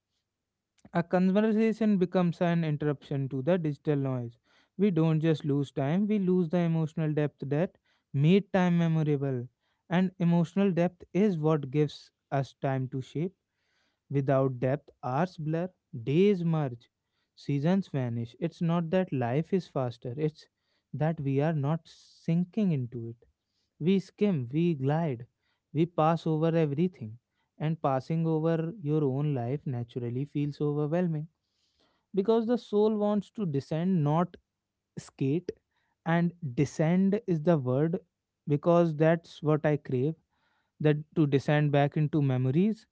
A conversation becomes an interruption to the digital noise. We don't just lose time, we lose the emotional depth that made time memorable. And emotional depth is what gives us time to shape. Without depth, hours blur, days merge, seasons vanish. It's not that life is faster, it's that we are not sinking into it. We skim, we glide, we pass over everything. And passing over your own life naturally feels overwhelming because the soul wants to descend, not skate. And descend is the word because that's what I crave, that to descend back into memories,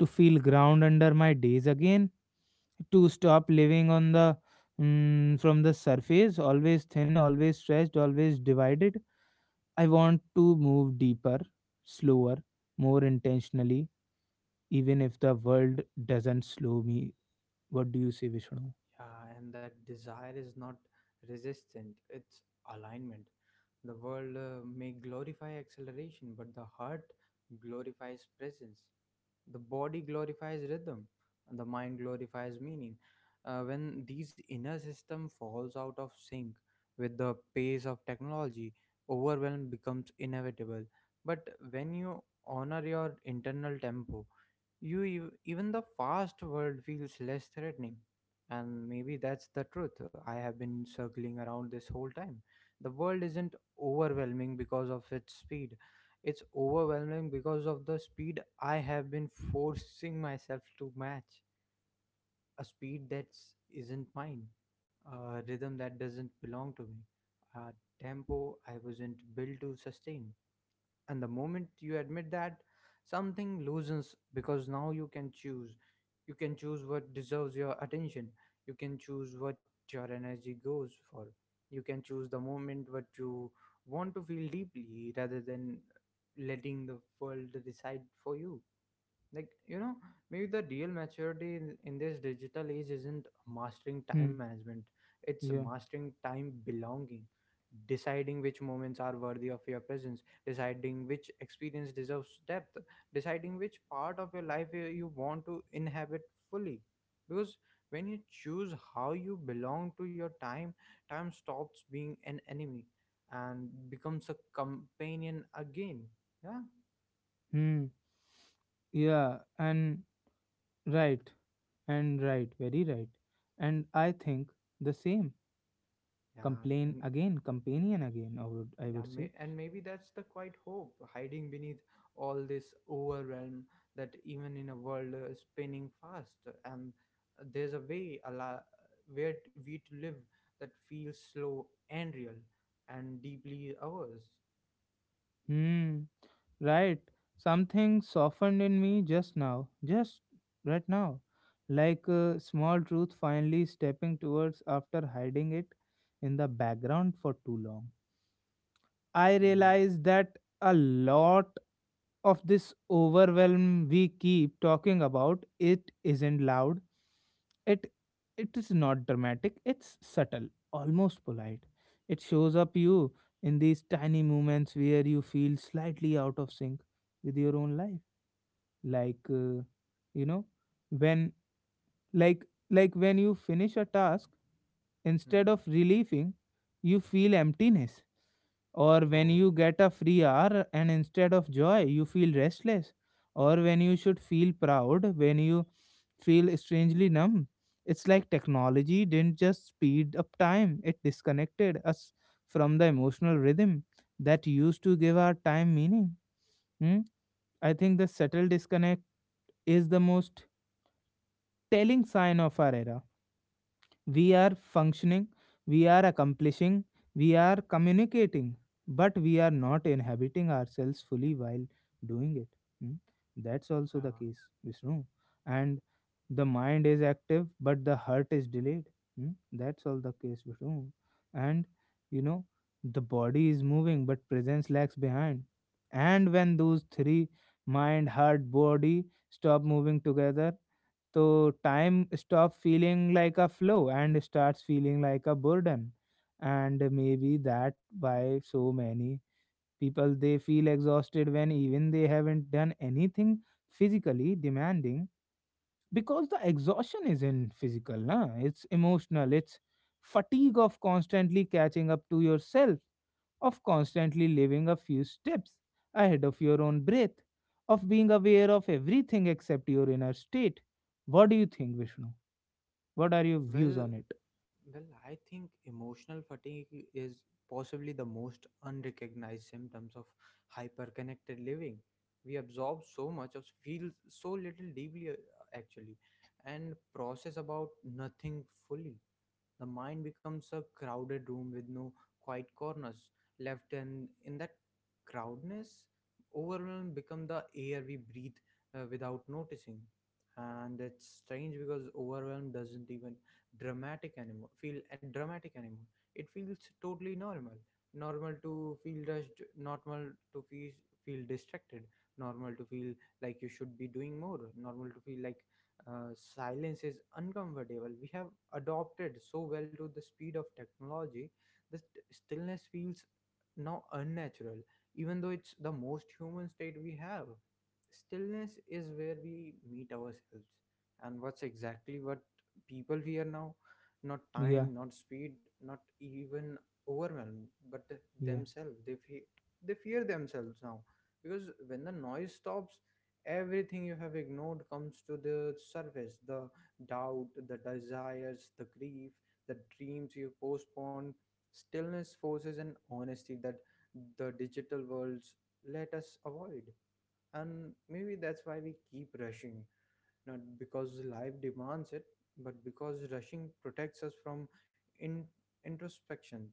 to feel ground under my days again, to stop living on the, from the surface, always thin, always stretched, always divided. I want to move deeper, slower, more intentionally, even if the world doesn't slow me. What do you say, Vishnu? Yeah, and that desire is not resistance, it's alignment. The world may glorify acceleration, but the heart glorifies presence. The body glorifies rhythm, and the mind glorifies meaning. When these inner system falls out of sync with the pace of technology, overwhelm becomes inevitable. But when you honor your internal tempo, you even the fast world feels less threatening. And maybe that's the truth I have been circling around this whole time. The world isn't overwhelming because of its speed, it's overwhelming because of the speed I have been forcing myself to match. A speed that's isn't mine, a rhythm that doesn't belong to me, a tempo I wasn't built to sustain. And the moment you admit that, something loosens, because now you can choose. You can choose what deserves your attention. You can choose what your energy goes for. You can choose the moment what you want to feel deeply, rather than letting the world decide for you. Like, you know, maybe the real maturity in this digital age isn't mastering time Hmm. management, it's Yeah. mastering time belonging. Deciding which moments are worthy of your presence, deciding which experience deserves depth, deciding which part of your life you want to inhabit fully. Because when you choose how you belong to your time, time stops being an enemy and becomes a companion again. Yeah, Hmm. Yeah. And right. And right. Very right. And I think the same. yeah. Complain And again, companion again, I yeah, would say. And maybe that's the quiet hope hiding beneath all this overwhelm. That even in a world spinning fast, and there's a way where we to live that feels slow and real and deeply ours. Hmm. Right. Something softened in me just now. Just right now. Like a small truth finally stepping towards after hiding it in the background for too long. I Mm-hmm. realized that a lot of this overwhelm we keep talking about, it isn't loud, it it is not dramatic, it's subtle, almost polite. It shows up you in these tiny moments where you feel slightly out of sync with your own life. like uh, you know, when, like when you finish a task, instead of relieving you feel emptiness, or when Oh, you get a free hour and instead of joy you feel restless, or when you should feel proud when you feel strangely numb. It's like technology didn't just speed up time, it disconnected us from the emotional rhythm that used to give our time meaning. Hmm? I think the subtle disconnect is the most telling sign of our era. We are functioning, we are accomplishing, we are communicating, but we are not inhabiting ourselves fully while doing it. Hmm? That's also the yeah. case, Vishnu. And the mind is active, but the heart is delayed. Hmm? That's all the case, Vishnu. And you know, the body is moving, but presence lags behind. And when those three, mind, heart, body stop moving together, so time stops feeling like a flow and starts feeling like a burden. And maybe that why so many people they feel exhausted when even they haven't done anything physically demanding, because the exhaustion isn't physical, na? It's emotional, it's fatigue of constantly catching up to yourself, of constantly living a few steps ahead of your own breath, of being aware of everything except your inner state. What do you think, Vishnu? What are your Uh, views well, on it? Well, I think emotional fatigue is possibly the most unrecognized symptoms of hyperconnected living. We absorb so much of feel so little deeply, actually, and process about nothing fully. The mind becomes a crowded room with no quiet corners left, and in that crowdness, overwhelm become the air we breathe, without noticing. And it's strange, because overwhelm doesn't even dramatic anymore. Feel dramatic anymore. It feels totally normal. Normal to feel rushed. Normal to feel feel distracted. Normal to feel like you should be doing more. Normal to feel like silence is uncomfortable. We have adopted so well to the speed of technology that stillness feels now unnatural, even though it's the most human state we have. Stillness is where we meet ourselves, and what's exactly what people fear now. Not Yeah, time, not speed, not even overwhelm, but yeah, themselves. They fear themselves now, because when the noise stops, everything you have ignored comes to the surface. The doubt, the desires, the grief, the dreams you postponed. Stillness forces an honesty that the digital worlds let us avoid. And maybe that's why we keep rushing, not because life demands it, but because rushing protects us from in- introspections.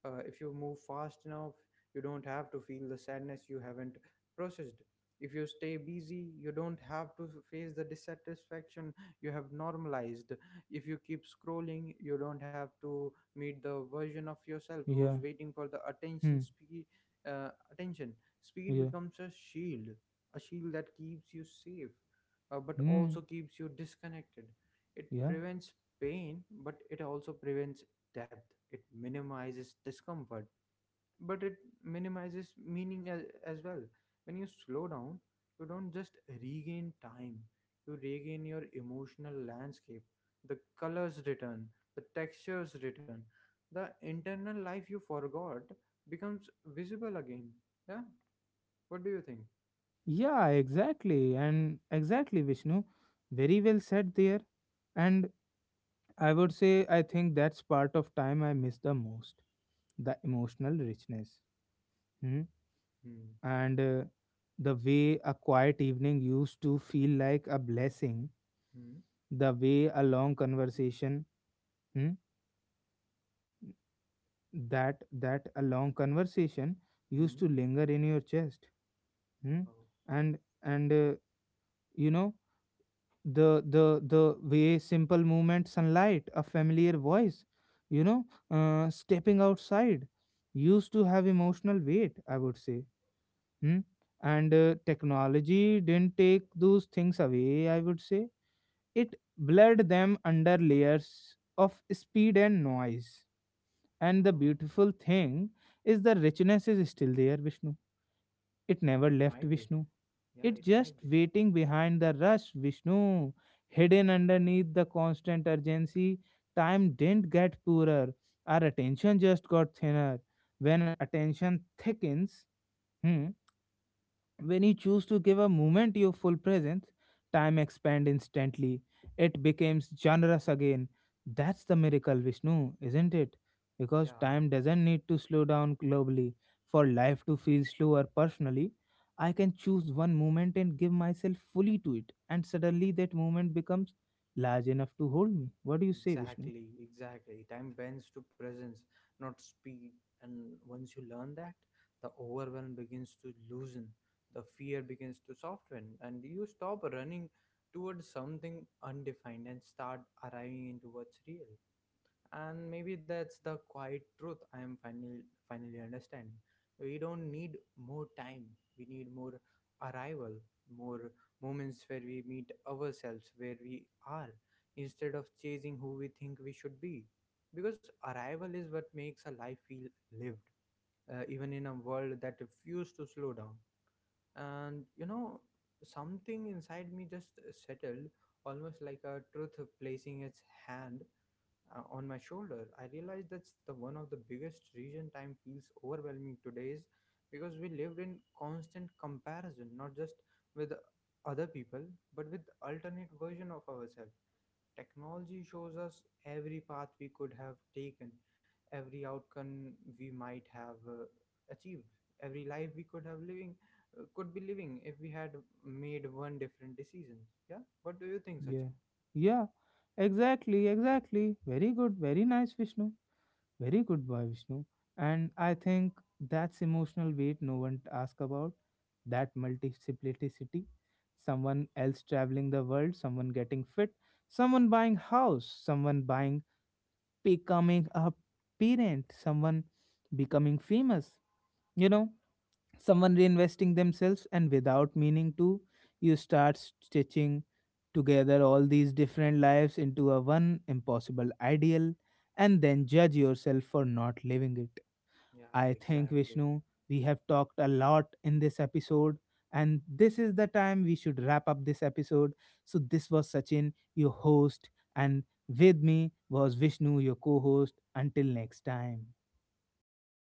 If you move fast enough, you don't have to feel the sadness you haven't processed. If you stay busy, you don't have to face the dissatisfaction you have normalized. If you keep scrolling, you don't have to meet the version of yourself who's yeah, waiting for the attention hmm, speed. Attention speed yeah, becomes a shield that keeps you safe, but also hmm, keeps you disconnected. It yeah. prevents pain, but it also prevents depth. It minimizes discomfort, but it minimizes meaning as well. When you slow down, you don't just regain time, you regain your emotional landscape. The colors return, the textures return, the internal life you forgot becomes visible again. Yeah? What do you think? Yeah, exactly. And exactly, Vishnu. Very well said there. And I would say, I think that's part of time I miss the most, the emotional richness. Hmm? Hmm. And the way a quiet evening used to feel like a blessing, Hmm. the way a long conversation, hmm? That a long conversation used Hmm. to linger in your chest. Hmm? Oh. and and you know, the way simple movement, sunlight, a familiar voice, you know, stepping outside used to have emotional weight, I would say. Hmm? And technology didn't take those things away, I would say, it blurred them under layers of speed and noise. And the Ah. beautiful thing is the richness is still there, Vishnu, it never It left, might be. Vishnu. Yeah, It's it just might be. waiting behind the rush, Vishnu. Hidden underneath the constant urgency, time didn't get poorer. Our attention just got thinner. When attention thickens, hmm. When you choose to give a moment your full presence, time expands instantly. It becomes generous again. That's the miracle, Vishnu, isn't it? Because Yeah, time doesn't need to slow down globally for life to feel slower personally. I can choose one moment and give myself fully to it, and suddenly that moment becomes large enough to hold me. What do you say, Vishnu? exactly, exactly. Time bends to presence, not speed. And once you learn that, the overwhelm begins to loosen, the fear begins to soften, and you stop running towards something undefined and start arriving into what's real. And maybe that's the quiet truth I am finally understanding. We don't need more time, we need more arrival, more moments where we meet ourselves where we are, instead of chasing who we think we should be. Because arrival is what makes a life feel lived, even in a world that refused to slow down. And you know, something inside me just settled, almost like a truth placing its hand on my shoulder. I realized that's the one of the biggest reason time feels overwhelming today is because we lived in constant comparison, not just with other people, but with alternate version of ourselves. Technology shows us every path we could have taken, every outcome we might have achieved, every life we could have living, could be living if we had made one different decision. Yeah, what do you think, Yeah. Sachin? Yeah. Exactly, exactly. Very good, very nice, Vishnu. Very good, by Vishnu. And I think that's emotional weight no one asks about. That multiplicity. Someone else traveling the world, someone getting fit, someone buying house, someone buying becoming a parent, someone becoming famous. You know, someone reinvesting themselves, and without meaning to you start stitching together all these different lives into a one impossible ideal and then judge yourself for not living it. Yeah, I think, exactly. Vishnu, we have talked a lot in this episode, and this is the time we should wrap up this episode. So this was Sachin your host, and with me was Vishnu your co-host. Until next time. Bye bye.